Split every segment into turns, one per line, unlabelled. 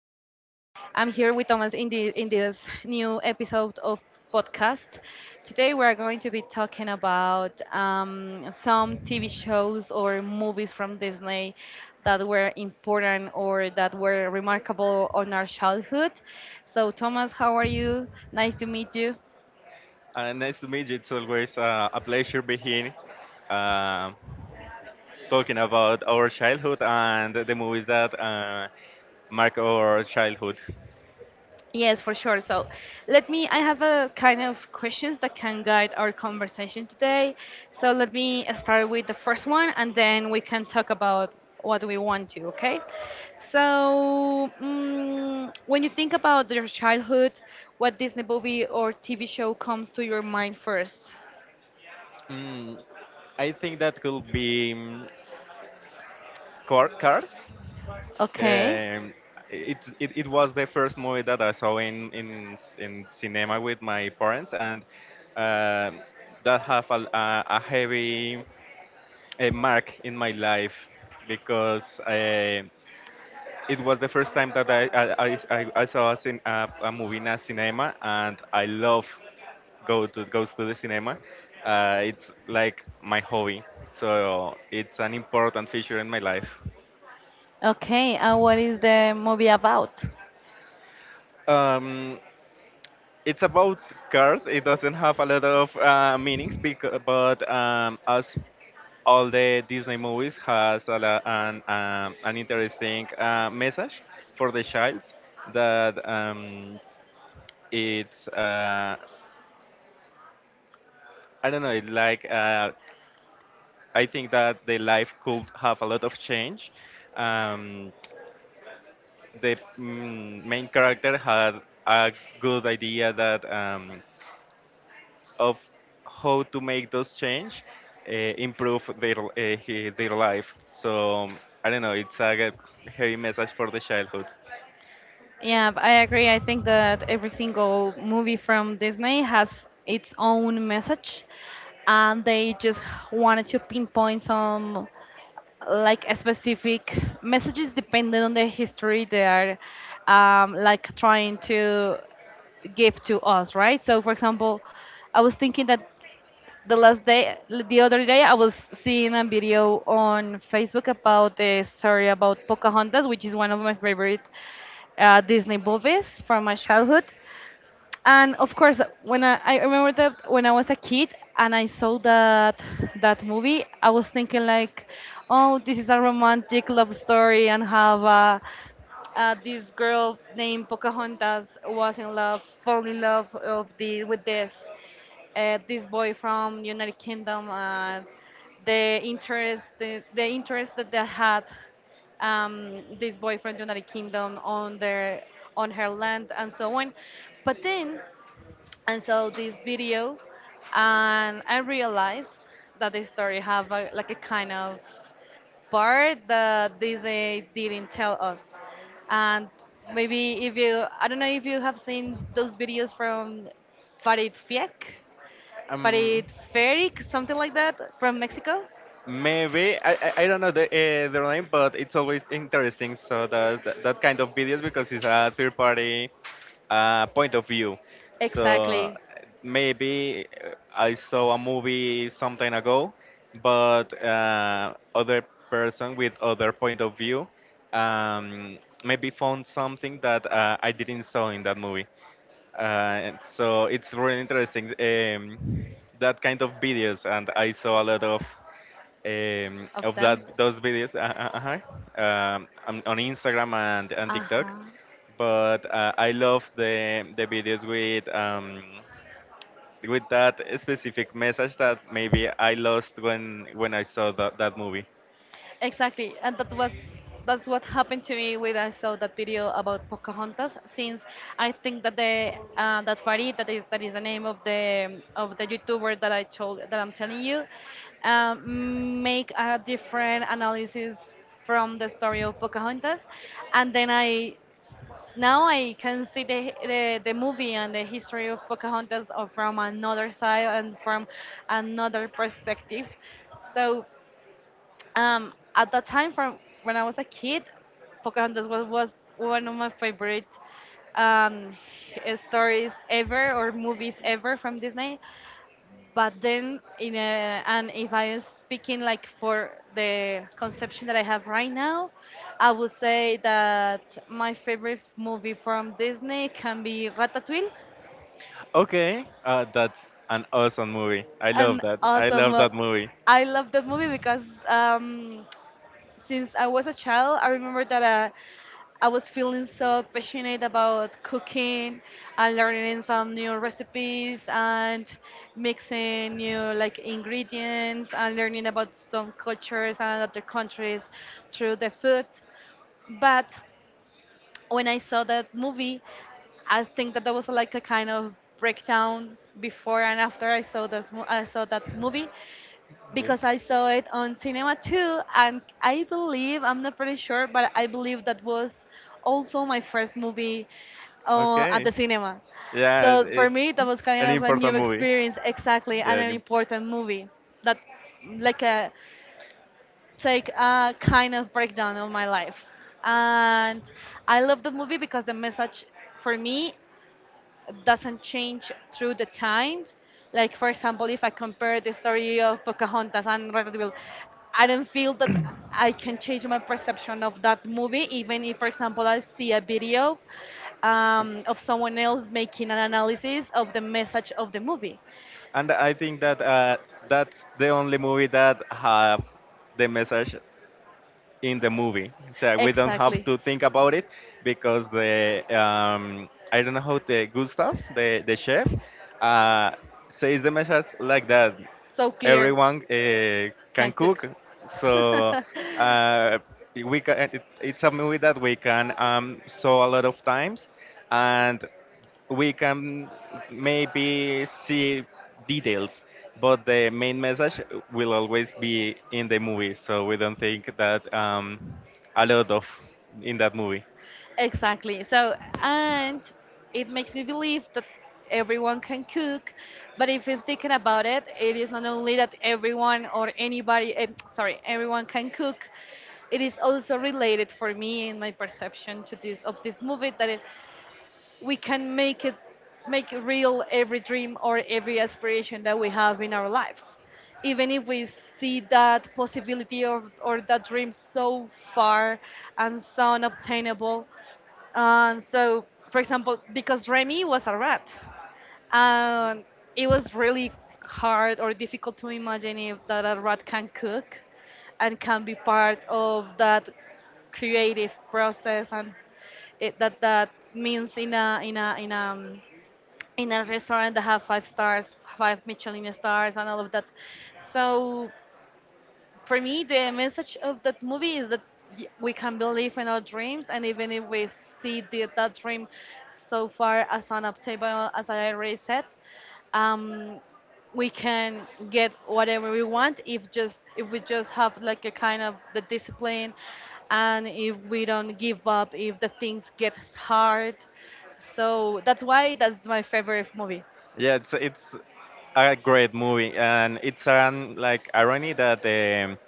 I'm here with Thomas in the in this new episode of podcast. Today we're going to be talking about some TV shows or movies from Disney that were important or that were remarkable on our childhood. So Thomas, how are you? Nice to meet you.
Nice to meet you. It's always a pleasure being here, um, talking about our childhood and the movies that mark our childhood.
Yes, for sure. So, let me. I have a kind of questions that can guide our conversation today. So, let me start with the first one and then we can talk about what we want to, okay? So, when you think about your childhood, what Disney movie or TV show comes to your mind first?
Mm, I think that could be Cars.
Okay.
Um, it was the first movie that I saw in cinema with my parents, and um that have a heavy mark in my life because. It was the first time that I saw a movie in a cinema, and I love go to goes to the cinema. It's like my hobby, so it's an important feature in my life.
Okay. And what is the movie about?
Um, it's about cars. It doesn't have a lot of meanings, because, but as all the Disney movies has a, lo- an interesting message for the childs that it's. I don't know. It like I think that the life could have a lot of change. Um, the main character had a good idea that of how to make those change uh, improve their their life. So I don't know. It's a heavy message for the childhood.
I agree. I think that every single movie from Disney has its own message, and they just wanted to pinpoint some like a specific messages depending on the history they are like trying to give to us, right? So, for example, I was thinking that the last day the other day I was seeing a video on Facebook about the story about Pocahontas, which is one of my favorite Disney movies from my childhood. And of course when I remember that when I was a kid and I saw that movie, I was thinking like, oh, this is a romantic love story and have this girl named Pocahontas was in love fall in love of the with this boy from United Kingdom, and the interest that they had, this boyfriend United Kingdom on their on her land and so on. But then and saw this video, and I realized that the story have a, like a kind of part that Disney didn't tell us. And maybe if you, I don't know if you have seen those videos from Farid Fiek,
Um,
Farid Ferik, something like that from Mexico.
Maybe I don't know the their name, but it's always interesting. So that kind of videos because it's a third party point of view. So
Exactly
maybe I saw a movie some time ago, but other person with other point of view um, maybe found something that I didn't saw in that movie. So it's really interesting that kind of videos, and I saw a lot
of
of
them.
that those videos on Instagram and TikTok.
Uh-huh.
But I love the videos with that specific message that maybe I lost when I saw that movie.
Exactly, and that was that's what happened to me when I saw that video about Pocahontas. Since I think that the that Farid, that is the name of the YouTuber that I told that I'm telling you, make a different analysis from the story of Pocahontas, and then I now I can see the movie and the history of Pocahontas or from another side and from another perspective. So at that time, from when I was a kid, Pocahontas was one of my favorite um, stories ever or movies ever from Disney. But then, in a, and if I am speaking like for the conception that I have right now, I would say that my favorite movie from Disney can be Ratatouille.
Okay, that's an awesome movie. I love
An
that. I
awesome,
love that movie.
I love that movie because um, since I was a child, I remember that I was feeling so passionate about cooking and learning some new recipes and mixing new like ingredients and learning about some cultures and other countries through the food. But when I saw that movie, I think that there was like a kind of breakdown before and after I saw that movie
Okay.
because I saw it on cinema too, and I believe, I'm not pretty sure, but I believe that was also my first movie at the
Okay.
cinema.
Yeah,
So for me,
it's
that was kind
an
of a new
important movie.
experience, exactly,
Yeah,
and an
an
important movie that, like a, take a kind of breakdown of my life, and I love the movie because the message for me doesn't change through the time. Like for example, if I compare the story of Pocahontas and Red Devil, I don't feel that I can change my perception of that movie, even if, for example, I see a video of someone else making an analysis of the message of the movie.
And I think that that's the only movie that have the message in the movie. So we don't have
Exactly.
to think about it because the I don't know how the Gustav, the chef, uh, says the message like that.
So clear.
Everyone can
Can cook.
cook, so uh, we can. It's a movie that we can saw a lot of times, and we can maybe see details, but the main message will always be in the movie. So we don't think that a lot of in that movie.
Exactly. So, and it makes me believe that everyone can cook, but if you're thinking about it, it is not only that everyone or anybody, sorry, everyone can cook. It is also related for me in my perception to this of this movie that it, we can make it make real every dream or every aspiration that we have in our lives even if we see that possibility or that dream so far and so unobtainable, so, for example, because Remy was a rat, um, it was really hard or difficult to imagine if that a rat can cook and can be part of that creative process and it, that that means in a in a in a in a restaurant that have 5 stars, 5 Michelin stars, and all of that. So for me, the message of that movie is that we can believe in our dreams, and even if we see that dream so far as unobtainable as I already said, um, we can get whatever we want if we just have like a kind of the discipline, and if we don't give up if the things get hard. So that's why that's my favorite movie.
Yeah, it's a great movie, and it's an like irony that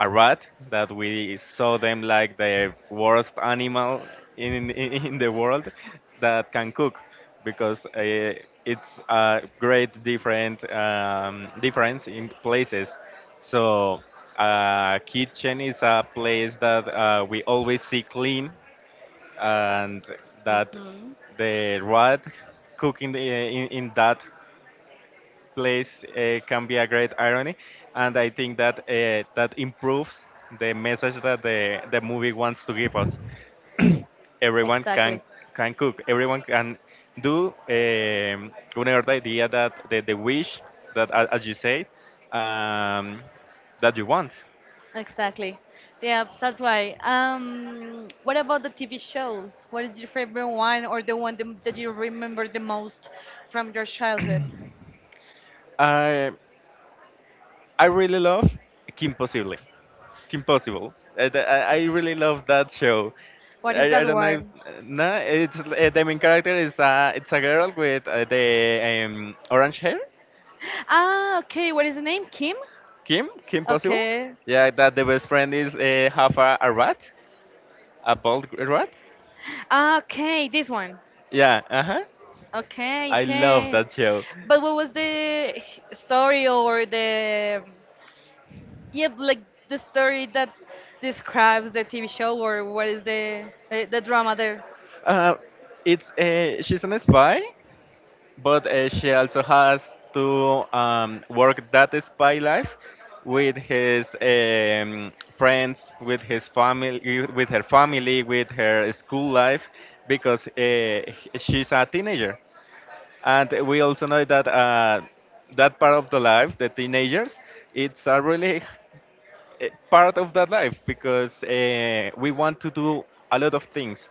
a rat that we saw them like the worst animal in the world that can cook, because it's a great different difference in places. So kitchen is a place that we always see clean, and that
Hmm.
the rat cooking in that place can be a great irony, and I think that that improves the message that the movie wants to give us. Everyone
Exactly.
can cook. Everyone can do whatever the idea that the wish that as you say um, that you want.
Exactly. Yeah, that's why. What about the TV shows? What is your favorite one or the one that that you remember the most from your childhood?
I I really love Kim Possibly. Kim Possible. I really love that show.
What is
I
that
don't know. If,
one?
No, it's the main character is it's a girl with the orange hair.
Ah, okay. What is the name? Kim?
Kim, Kim Possible.
Okay.
Yeah, that the best friend is half a rat, a bald rat.
Ah, okay, this one.
Yeah, uh huh.
Okay,
I love
okay.
that show.
But what was story or the yeah, like the story that describes the TV show or what is the drama there?
Uh, it's She's an spy. But she also has to work that spy life with his friends, with his family, with her school life, because she's a teenager. And we also know that that part of the life, the teenagers, it's a really part of that life because we want to do a lot of things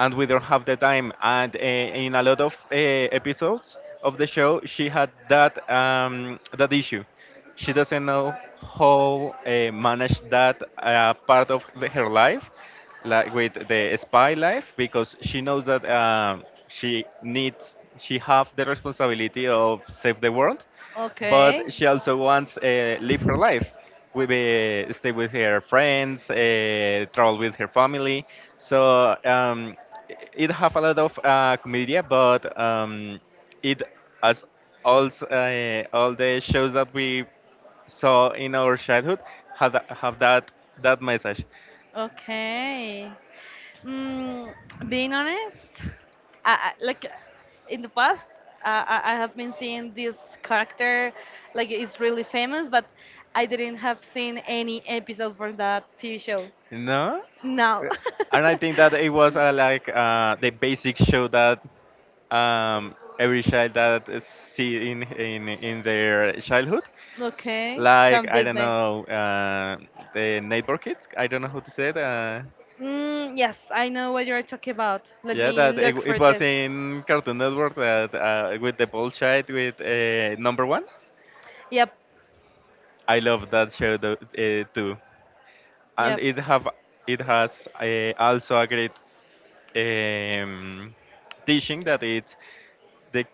and we don't have the time. And in a lot of episodes of the show, she had that issue. She doesn't know how manage that part of her life, like with the spy life, because she knows that she needs she have the responsibility of save the world,
Okay.
but she also wants live her life with stay with her friends travel with her family, so it have a lot of comedy, but it as all the shows that we saw in our childhood had have that message.
Okay. Mm, being honest, I, like in the past, I have been seeing this character, like it's really famous, but I didn't have seen any episode for that TV show.
No,
No.
and I think that it was like the basic show that every child that is see in their childhood.
Okay,
Like
from
I don't
Disney.
know the neighbor kids. I don't know how to say it.
Mm, yes, I know what you're talking about. Let
Yeah,
me
that
look
it
for
was
this.
in Cartoon Network that with the ball child with number one.
Yep,
I love that show too, and
yep.
it has also a great um, teaching that it's the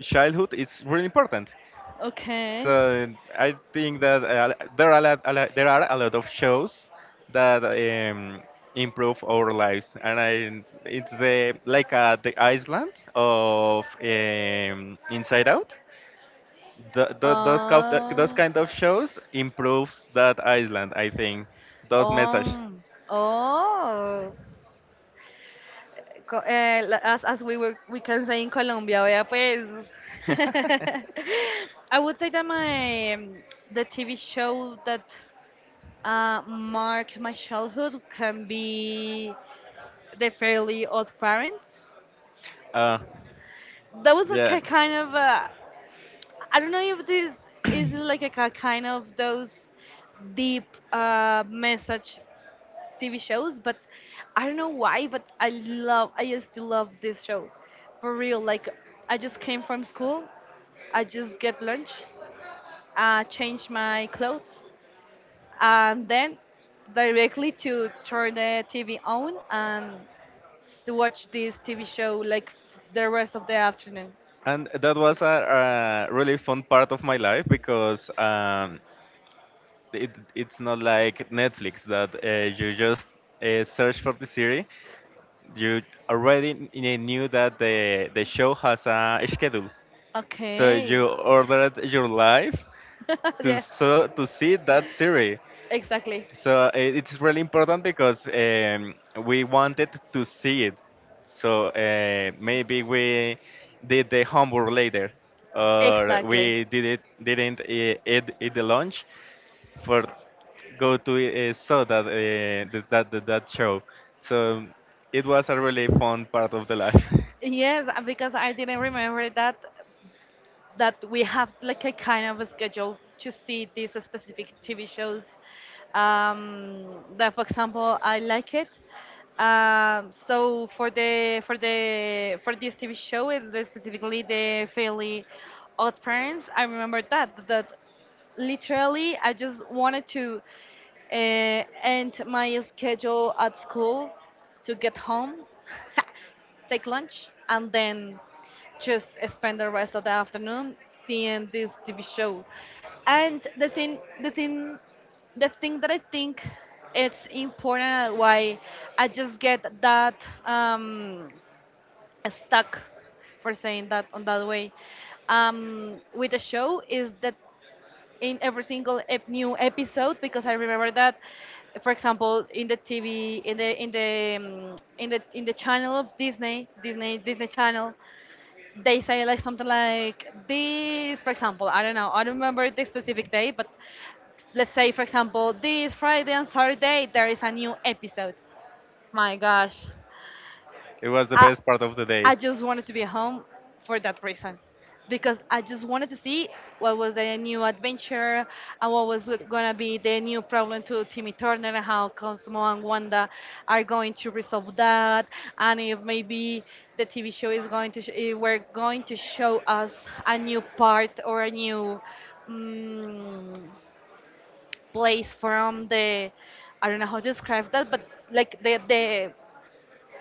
childhood is really important.
Okay.
So I think that there are there are a lot of shows that improve our lives, and I it's the like the Iceland of Inside Out. Th th Those
Uh,
kind of shows improves that Iceland. I think those message.
um, oh. As as we were we can say in Colombia, vea pues. I would say that my the TV show that marked my childhood can be The Fairly Odd Parents.
uh,
That was like a
yeah.
kind of I don't know if this is like a kind of those deep message TV shows, but I don't know why, but I used to love this show, for real. Like, I just came from school, I just get lunch, change my clothes, and then directly to turn the TV on and watch this TV show like the rest of the afternoon.
And that was a really fun part of my life because it's not like Netflix that you just search for the series. You already knew that the show has a schedule, so
Okay.
you ordered your life
Yes.
to see that series.
Exactly.
So it's really important because we wanted to see it. So maybe we did the homework later, or
Exactly.
we didn't eat the lunch for go to saw that show. So it was a really fun part of the life.
Yes, because I didn't remember that that we have like a kind of a schedule to see these specific TV shows. Um, that, for example, I like it. So for the for the for this TV show, and specifically the Fairly Odd Parents, I remember that that literally I just wanted to end my schedule at school to get home, take lunch, and then just spend the rest of the afternoon seeing this TV show. And the thing that I think it's important why I just get that stuck for saying that on that way with the show is that in every single new episode, because I remember that, for example, in the TV, in the in the in the in the channel of Disney, Disney Channel, they say like something like this. For example, I don't know, I don't remember the specific day, but let's say, for example, this Friday and Saturday there is a new episode. My gosh,
It was the
I
best part of the day.
I just wanted to be home for that reason because I just wanted to see what was the new adventure and what was gonna be the new problem to Timmy Turner and how Cosmo and Wanda are going to resolve that and if maybe the TV show is going to we're going to show us a new part or a new mm place from the, I don't know how to describe that, but like the the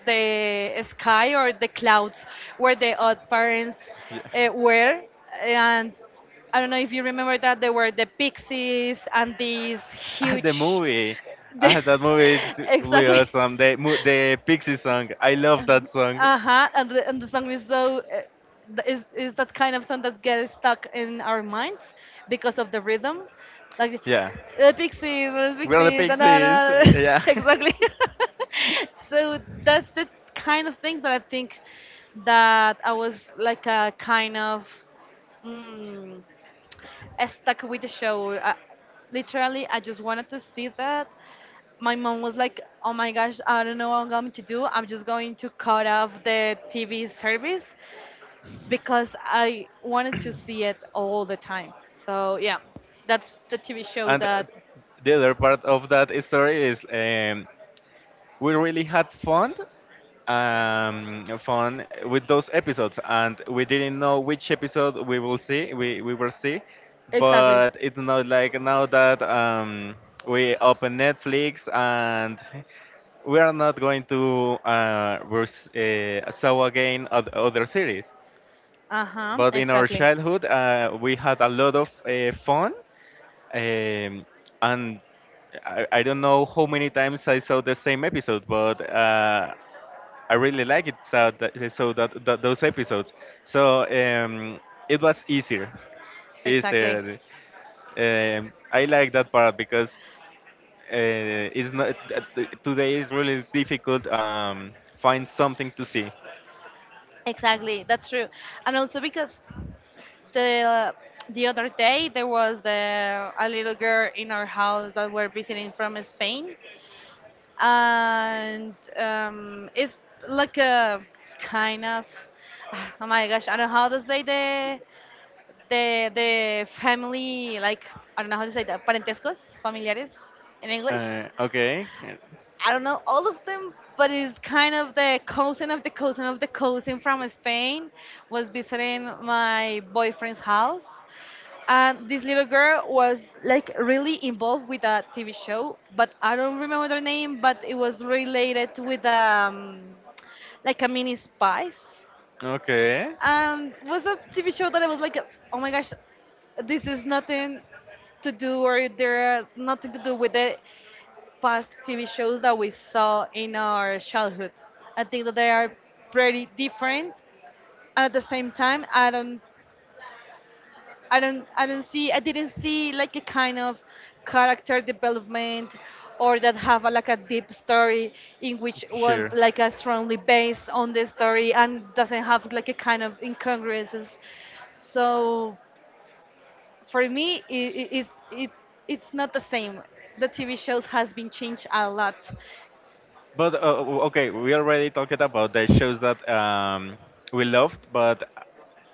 the sky or the clouds where the odd parents
Yeah.
were, and I don't know if you remember that there were the pixies and these
Ah, the
huge
movie.
the,
Ah, that movie is really
exactly.
awesome. The Pixie song. I love that song.
Uh huh. And the song is so is that kind of song that gets stuck in our minds because of the rhythm, like
Yeah. the
the
We are the
pixies, da da
Pixies.
da. da."
Yeah.
Exactly. So that's the kind of things that I think that I was like a kind of. Mm, I stuck with the show. Literally, I just wanted to see that. My mom was like, "Oh my gosh, I don't know what I'm going to do. I'm just going to cut off the TV service because I wanted to see it all the time." So yeah, that's the TV show
And
that.
the other part of that story is we really had fun, fun with those episodes, and we didn't know which episode we will see. We will see,
Exactly.
but it's not like now that we open Netflix and we are not going to saw again other series.
Uh huh.
But in our
Exactly.
childhood, we had a lot of fun, um, and I don't know how many times I saw the same episode, but I really like it. So that, those episodes. So it was easier,
Exactly.
easier. I like that part because uh, it's not today is really difficult. Find something to see.
Exactly. That's true. And also because the the other day there was a little girl in our house that were visiting from Spain, and it's like a kind of oh my gosh, I don't know how to say the family, like, I don't know how to say that, parentescos familiares in English.
Okay.
I don't know all of them, but it's kind of the cousin of the cousin of the cousin from Spain was visiting my boyfriend's house. And this little girl was like really involved with a TV show, but I don't remember the name, but it was related with like a mini spice.
Okay.
And was a TV show that I was like, oh my gosh, this is nothing to do, or there are nothing to do with it, past TV shows that we saw in our childhood. I think that they are pretty different, and at the same time, I don't see, I didn't see like a kind of character development, or that have like a deep story in which was
Sure.
like a strongly based on the story and doesn't have like a kind of incongruences. So for me, it's not the same. The TV shows has been changed a lot.
But okay, we already talked about the shows that we loved, but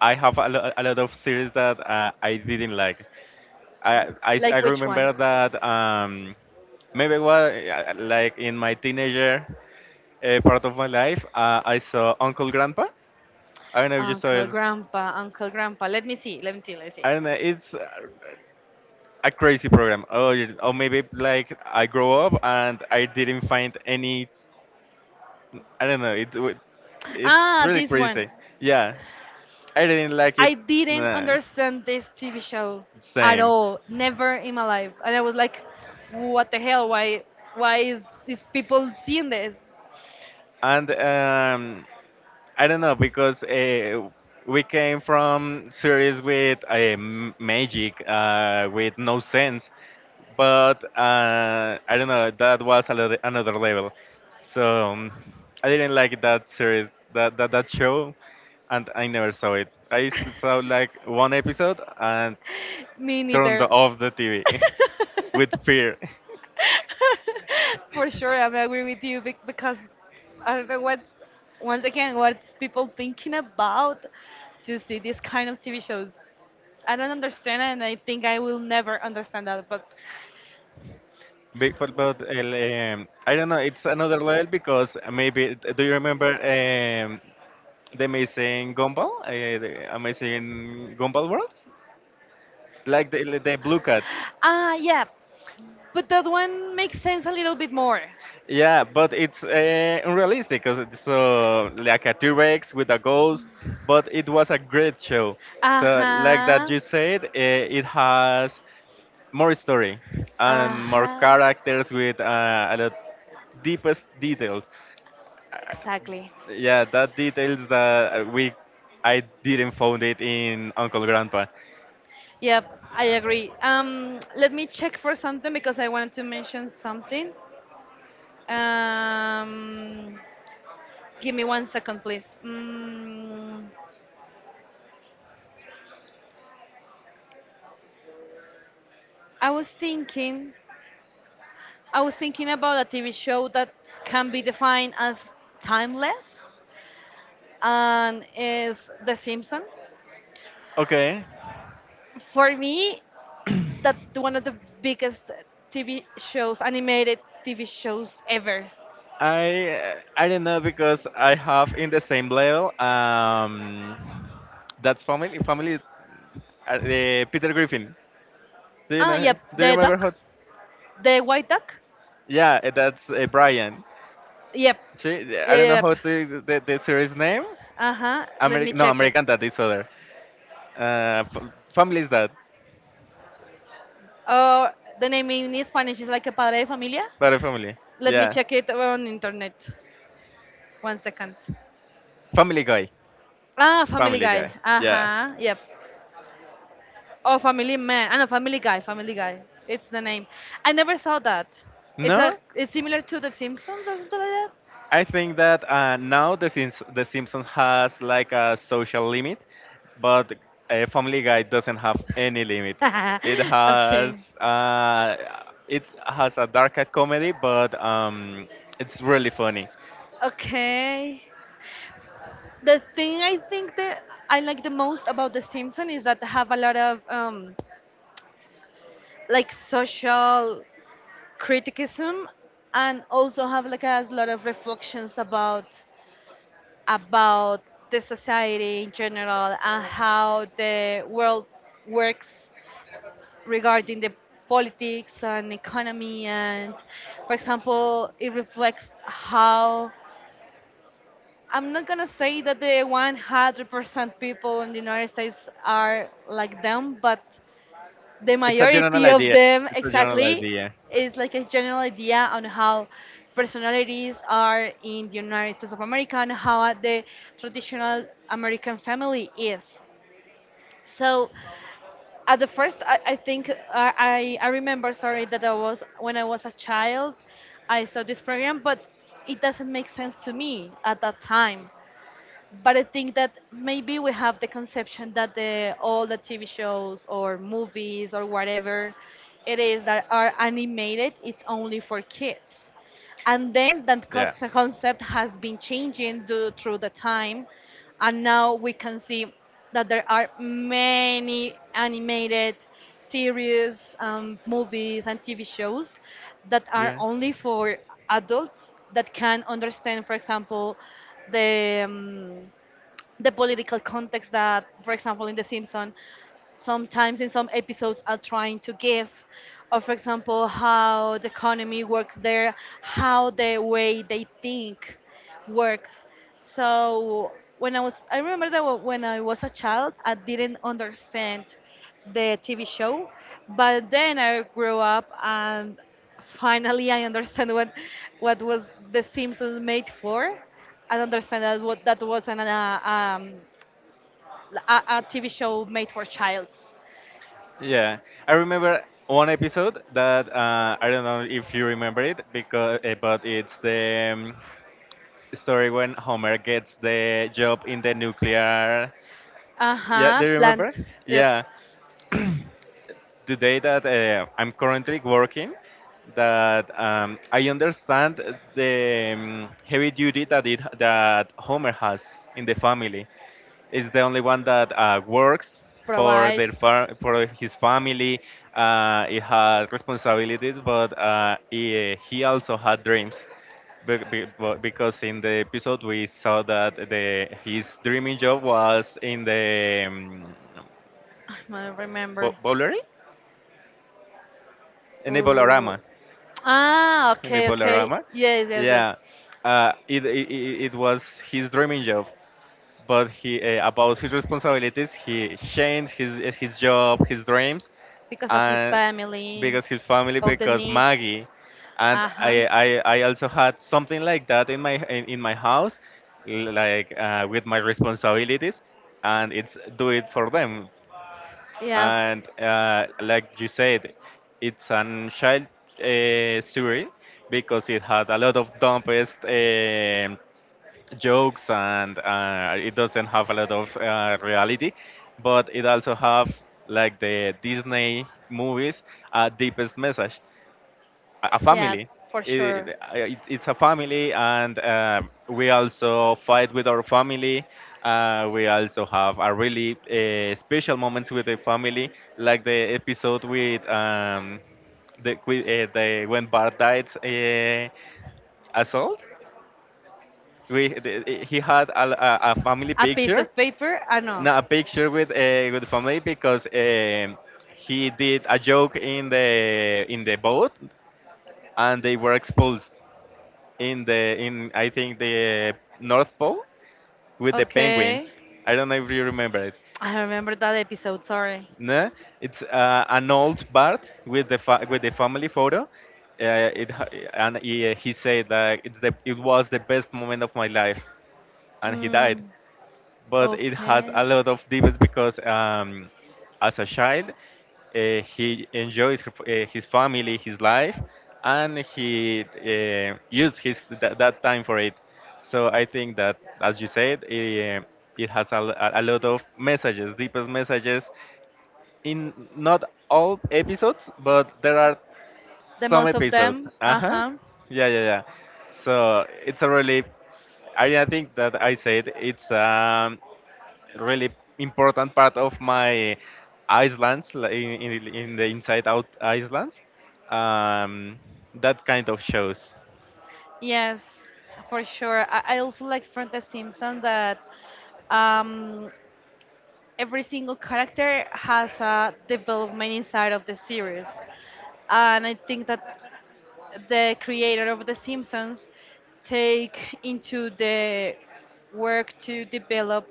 I have a lot of series that I didn't like. I I I
Like which one?
remember that maybe was like in my teenager part of my life, I saw Uncle Grandpa. I don't know if you saw
Uncle,
it.
grandpa, uncle, grandpa. Let me see. Let me see. Let me see.
I don't know. It's a crazy program. Oh, or maybe like I grow up and I didn't find any. I don't know. It's
Ah,
really
this one.
crazy. Yeah, I didn't like it.
I didn't
Nah,
understand this TV show at
same.
all. Never in my life. And I was like, what the hell? Why? Why is people seeing this?
And I don't know because we came from series with magic, with no sense. But I don't know. That was another level. So I didn't like that series, that show, and I never saw it. Saw like one episode, and
Me
turned
neither.
off the TV with fear.
For sure, I'm agree with you, because I don't know what. Once again, what's people thinking about to see this kind of TV shows? I don't understand, and I think I will never understand that. But
But I don't know, it's another level because maybe, do you remember the amazing Gumball? The amazing Gumball Worlds? Like the Blue Cat.
yeah, but that one makes sense a little bit more.
Yeah, but it's unrealistic. 'Cause it's like a T-Rex with a ghost, but it was a great show.
Uh
So, like that
huh.
you said, it has more story
Uh
and more
huh.
characters with a lot deepest details.
Exactly.
Yeah, that details that we I didn't found it in Uncle Grandpa.
Yep, I agree. Let me check for something because I wanted to mention something. Um, Give me one second, please. I was thinking, I was thinking about a TV show that can be defined as timeless, and is The Simpsons.
Okay,
For me, that's one of the biggest TV shows, animated TV shows ever.
I I don't know because I have in the same level. That's family. Family. Peter Griffin. Do you
Ah,
know him?
yep,
Do you
the
remember how?
duck, the white duck.
Yeah, that's Brian.
Yep,
See, I
yep,
don't know
yep,
how
yep.
the series name.
Uh huh. Let me
American. No,
check it.
American Dad is other. Family is that.
Uh, the name in Spanish is like a padre de familia.
But a family.
Let me
Yeah.
check it on internet. One second.
Family Guy.
Ah, Family
Family
Guy.
Guy.
Uh
Yeah.
huh. Yep. Oh, Family Man. I know Family Guy. Family Guy. It's the name. I never saw that. It's a.
No.
It's similar to The Simpsons or something like
I think that now the Simpsons has like a social limit, but Family Guy doesn't have any limit.
that.
It
Okay.
has uh, it has a darker comedy, but it's really funny.
Okay. The thing I think that I like the most about The Simpsons is that they have a lot of like social criticism, and also have like a lot of reflections about about the society in general, and how the world works regarding the politics and economy. And for example, it reflects how I'm not gonna say that the 100% people in the United States are like them, but the
It's a
majority
general
of
idea.
them
It's a general
exactly
idea.
is like a general idea on how personalities are in the United States of America, and how the traditional American family is. So at the first, I think, I remember, sorry, that I was when I was a child, I saw this program, but it doesn't make sense to me at that time. But I think that maybe we have the conception that the all the TV shows or movies or whatever it is that are animated, it's only for kids. And then that
Yeah.
concept has been changing, through the time. And now we can see that there are many animated series, movies, and TV shows that are
Yeah.
only for adults, that can understand, for example, the um, the political context that, for example, in The Simpsons, sometimes in some episodes are trying to give, or for example, how the economy works there, how the way they think works. So when I was a child, I didn't understand the TV show. But then I grew up, and finally I understand what was The Simpsons made for. I understand that wasn't um, a TV show made for childs.
Yeah, I remember one episode that I don't know if you remember it because but it's the story when Homer gets the job in the nuclear. Yeah,
Uh-huh,
do you
plant.
remember?
Yep.
Yeah, the day that I'm currently working, that I understand the heavy duty that it that Homer has in the family is the only one that works for
Provides.
for his family. He has responsibilities, but he also had dreams. Because in the episode we saw that the his dreaming job was in the
I don't
bo-
remember.
bowlery? In the
Uh,
bolorama in the
okay, okay.
Bolarama.
Yes, yes, yes.
Yeah, it was his dreaming job, but he about his responsibilities he changed his job his dreams
Because of his
and
family,
because his family
of the
because
needs.
Maggie. And
Uh-huh.
I also had something like that in in my house like with my responsibilities, and it's do it for them.
Yeah.
And like you said, it's an child story because it had a lot of dumbest jokes, and it doesn't have a lot of reality, but it also have, like the Disney movies, deepest message, a
Yeah,
family.
for
it,
sure.
it, it's a family, and we also fight with our family. We also have a really special moments with the family, like the episode with the, with, the when Bart died. Assault We the, he had a family
A piece
picture.
of paper? Ah, no.
No, a picture with family because he did a joke in the boat, and they were expulsed in the in, I think, the North Pole with the
Okay.
penguins. I don't know if you remember it.
I remember that episode, sorry.
No, it's an old Bart with with the family photo. Uh, it ha- and he said that it was the best moment of my life, and he died.
Mm,
But it had a
okay.
lot of demons because as a child he enjoys her, his family his life, and he used that time for it. So I think that, as you said, it has a, a lot of messages, deepest messages, in not all episodes, but there are
The
some
most of
episodes.
them?
Uh-huh.
Uh-huh.
Yeah, yeah, yeah, so it's a really, I think that I said it's really important part of my islands, in the inside out islands, um, that kind of shows.
Yes, for sure. I also like from The Simpsons that um, every single character has a development inside of the series. And I think that the creator of The Simpsons take into the work to develop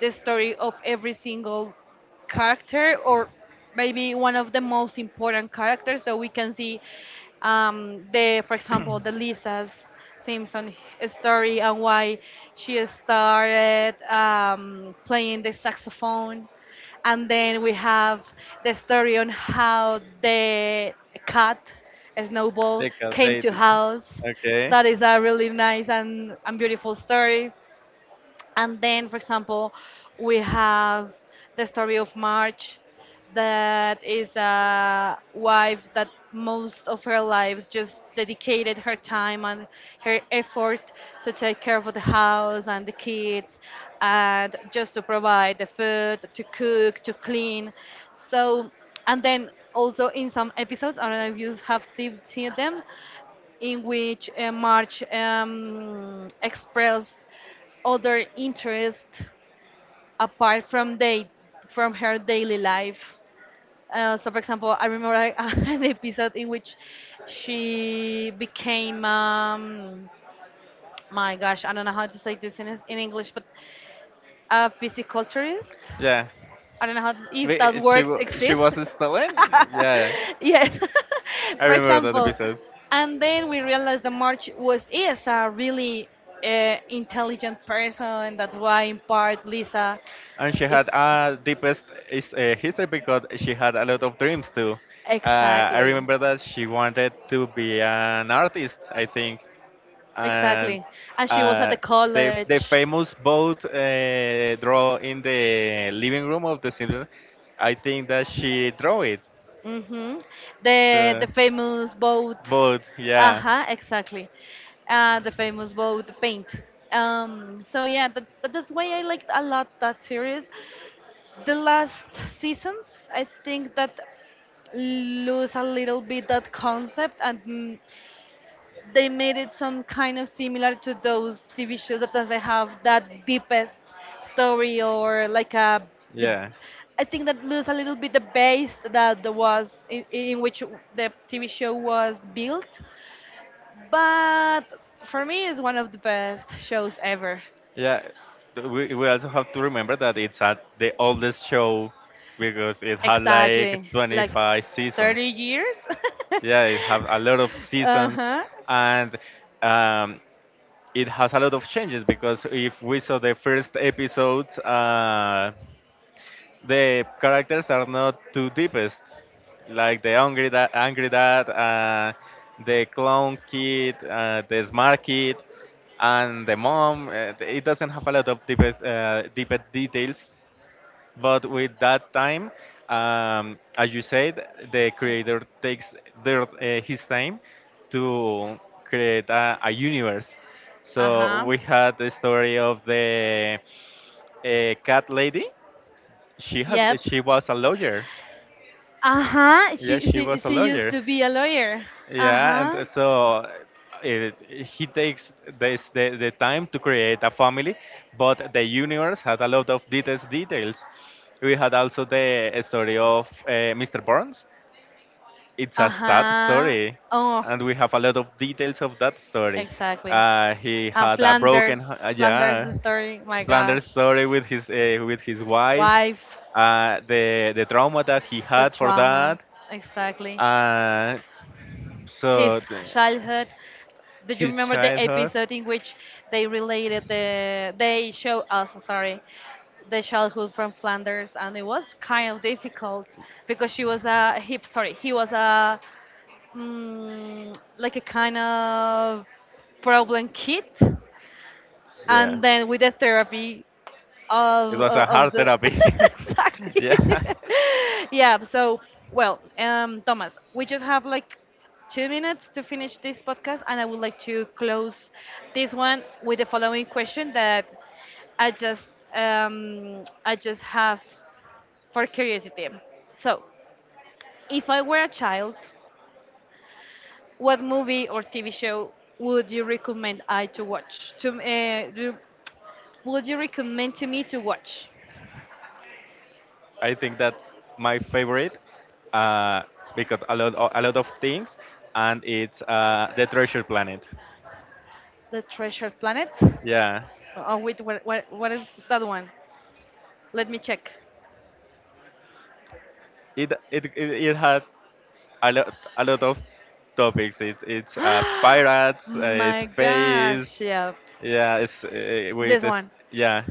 the story of every single character, or maybe one of the most important characters, so we can see, the for example, the Lisa's Simpson story, and why she started playing the saxophone. And then we have the story on how the cat Snowball
The cat
came to
lady.
house,
Okay.
that is a really nice and beautiful story. And then, for example, we have the story of March, that is a wife that most of her lives just dedicated her time and her effort to take care
Just
of the house and the kids, and just to
provide
provide the
food,
food, to
clothes,
cook,
to
to
sleep.
clean.
So,
So,
and
and
then
then
also
also
in
in
some
some episodes, I don't know
places,
if you have seen,
they
seen
have
them, in which
safety, language, arts,
March
and
expressed other
interests.
interests apart from her daily life. So, for example, I remember like, an episode in which she became my gosh, I don't know how to say this in English, but a physiculturist.
Yeah. I
I don't know if that works
she
exist.
was stolen? Yeah, yeah.
Yes,
I
for
remember that
example.
episode.
And then we realized that March was is a really intelligent person. And that's why, in part, Lisa
And she
is.
had a deepest history because she had a lot of dreams too. Uh, I
Exactly,
remember that she wanted to be an artist, I think, and
exactly. And she was at
uh,
the
the
college.
famous boat draw in the living room of the cinema. I think that she drew it.
hmm The
So,
the famous boat.
boat, yeah,
Uh-huh, exactly. The famous boat paint. So yeah, that's why I liked a lot that series. The last seasons, I think that lose a little bit that concept, and they made it some kind of similar to those TV shows that doesn't have that deepest story, or like a, the
yeah.
I think that lose a little bit the base that there was in which the TV show was built. But for me, it's one of the best shows ever.
Yeah, we also have to remember that it's at the oldest show because it had like
Exactly, like
25
30
seasons.
years.
Yeah, it have a lot of
Uh
seasons,
huh.
and um, it has a lot of changes, because if we saw the first episodes, the characters are not too deepest, like the angry dad, the clown kid, the smart kid, and the mom. It doesn't have a lot of deepest, deepest details, but with that time, as you said, the creator takes their, his time to create a universe.
Uh
So
huh.
we had the story of the cat lady she has.
Yep.
She was a lawyer.
Uh-huh.
Yeah,
She
she
she
was a
she used
lawyer.
to be a lawyer.
Yeah, and
Uh-huh.
so it, he takes the time to create a family, but the universe had a lot of details. Details. We had also the story of Mr. Burns. It's a sad
Uh-huh.
story,
Oh,
and we have a lot of details of that story.
exactly.
He
And
had a broken.
Flanders, Flanders
Yeah.
story, my
Flanders'
gosh.
story with his wife,
Wife,
the trauma that he
the
had for that,
trauma. Exactly.
uh,
His
so the,
childhood. Do you
his
remember the
childhood.
episode in which they show us, sorry, the childhood from Flanders, and it was kind of difficult because she was a he, sorry, he was a like a kind of problem kit,
Yeah.
and then with the therapy of
It was a
of, of
hard
the
therapy.
exactly.
Yeah.
Yeah. So, well, Thomas, we just have like 2 minutes to finish this podcast, and I would like to close this one with the following question that i just I just have, for curiosity. So if I were a child, what movie or TV show would you recommend I to watch? Would you recommend to me to watch?
I think that's my favorite, uh, because a lot of things, and it's the Treasure Planet.
The Treasure Planet?
Yeah,
Oh wait, what is that one? Let me check.
it had a lot, a lot of topics. It it's Pirates,
My gosh,
space.
yeah,
Yeah, it's with
this
this,
one.
yeah.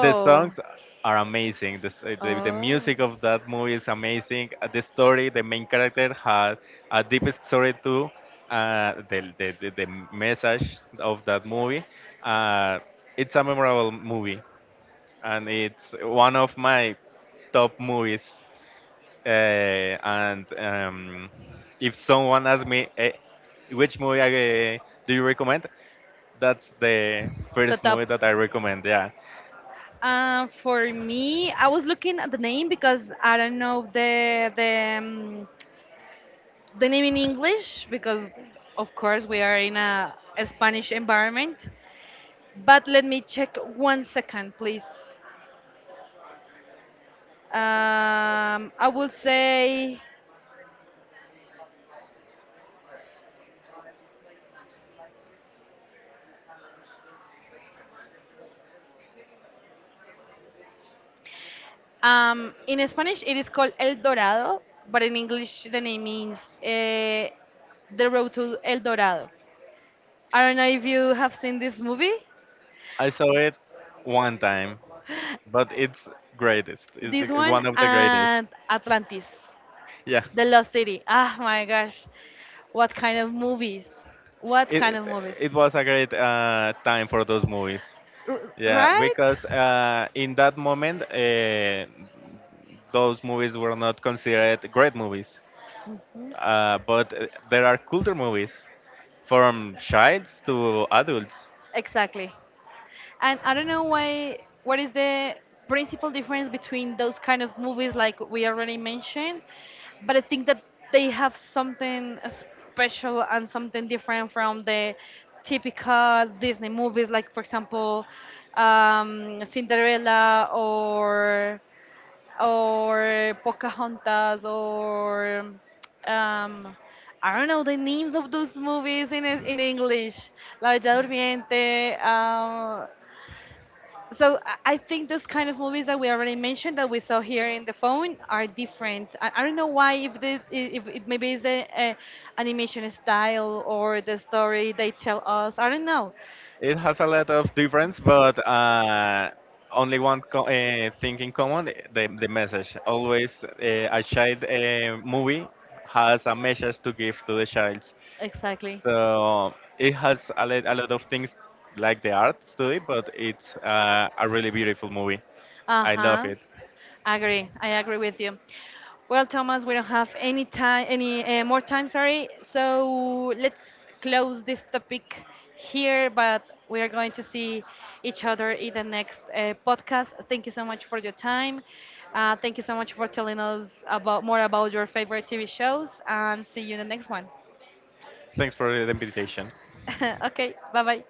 The songs are amazing. This, the
oh,
music of that movie is amazing. The story, the main character had a deep story too. The message of that movie. Uh, it's a memorable movie, and it's one of my top movies. And if someone asks me which movie do you recommend, that's the
the
first
top.
movie that I recommend. Yeah,
For me, I was looking at the name because I don't know the name in English because, of course, we are in a Spanish environment. But let me check one second, please. I will say in Spanish it is called El Dorado, but in English the name means uh, The Road to El Dorado. I don't know if you have seen this movie.
I saw it one time, but it's greatest.
This one
One of the greatest.
and Atlantis,
Yeah,
The Lost City. Ah, my gosh. What kind of movies? What
it
kind
it
of movies?
it was a great time for those movies. Yeah,
Right?
because in that moment, those movies were not considered great movies.
Mhm.
But there are culture movies from childs to adults.
Exactly. And I don't know why. What is the principal difference between those kind of movies, like we already mentioned? But I think that they have something special and something different from the typical Disney movies, like for example, Cinderella, or Pocahontas, or um, I don't know the names of those movies in in English, La Bella Durmiente. So I think those kind of movies that we already mentioned that we saw here in the phone are different. I don't know why if the if it maybe is the animation style or the story they tell us. I don't know
It has a lot of difference, but only one thing in common: the message. Always, a child movie has a message to give to the child.
exactly.
So it has a lot of things, like the arts to it, but it's a really beautiful movie. I love
Uh-huh.
it.
Agree. I agree with you. Well, Thomas, we don't have any time, any more time, sorry. So let's close this topic here, but we are going to see each other in the next podcast. Thank you so much for your time. Thank you so much for telling us about more about your favorite TV shows, and see you in the next one.
Thanks for the invitation.
Okay, bye bye.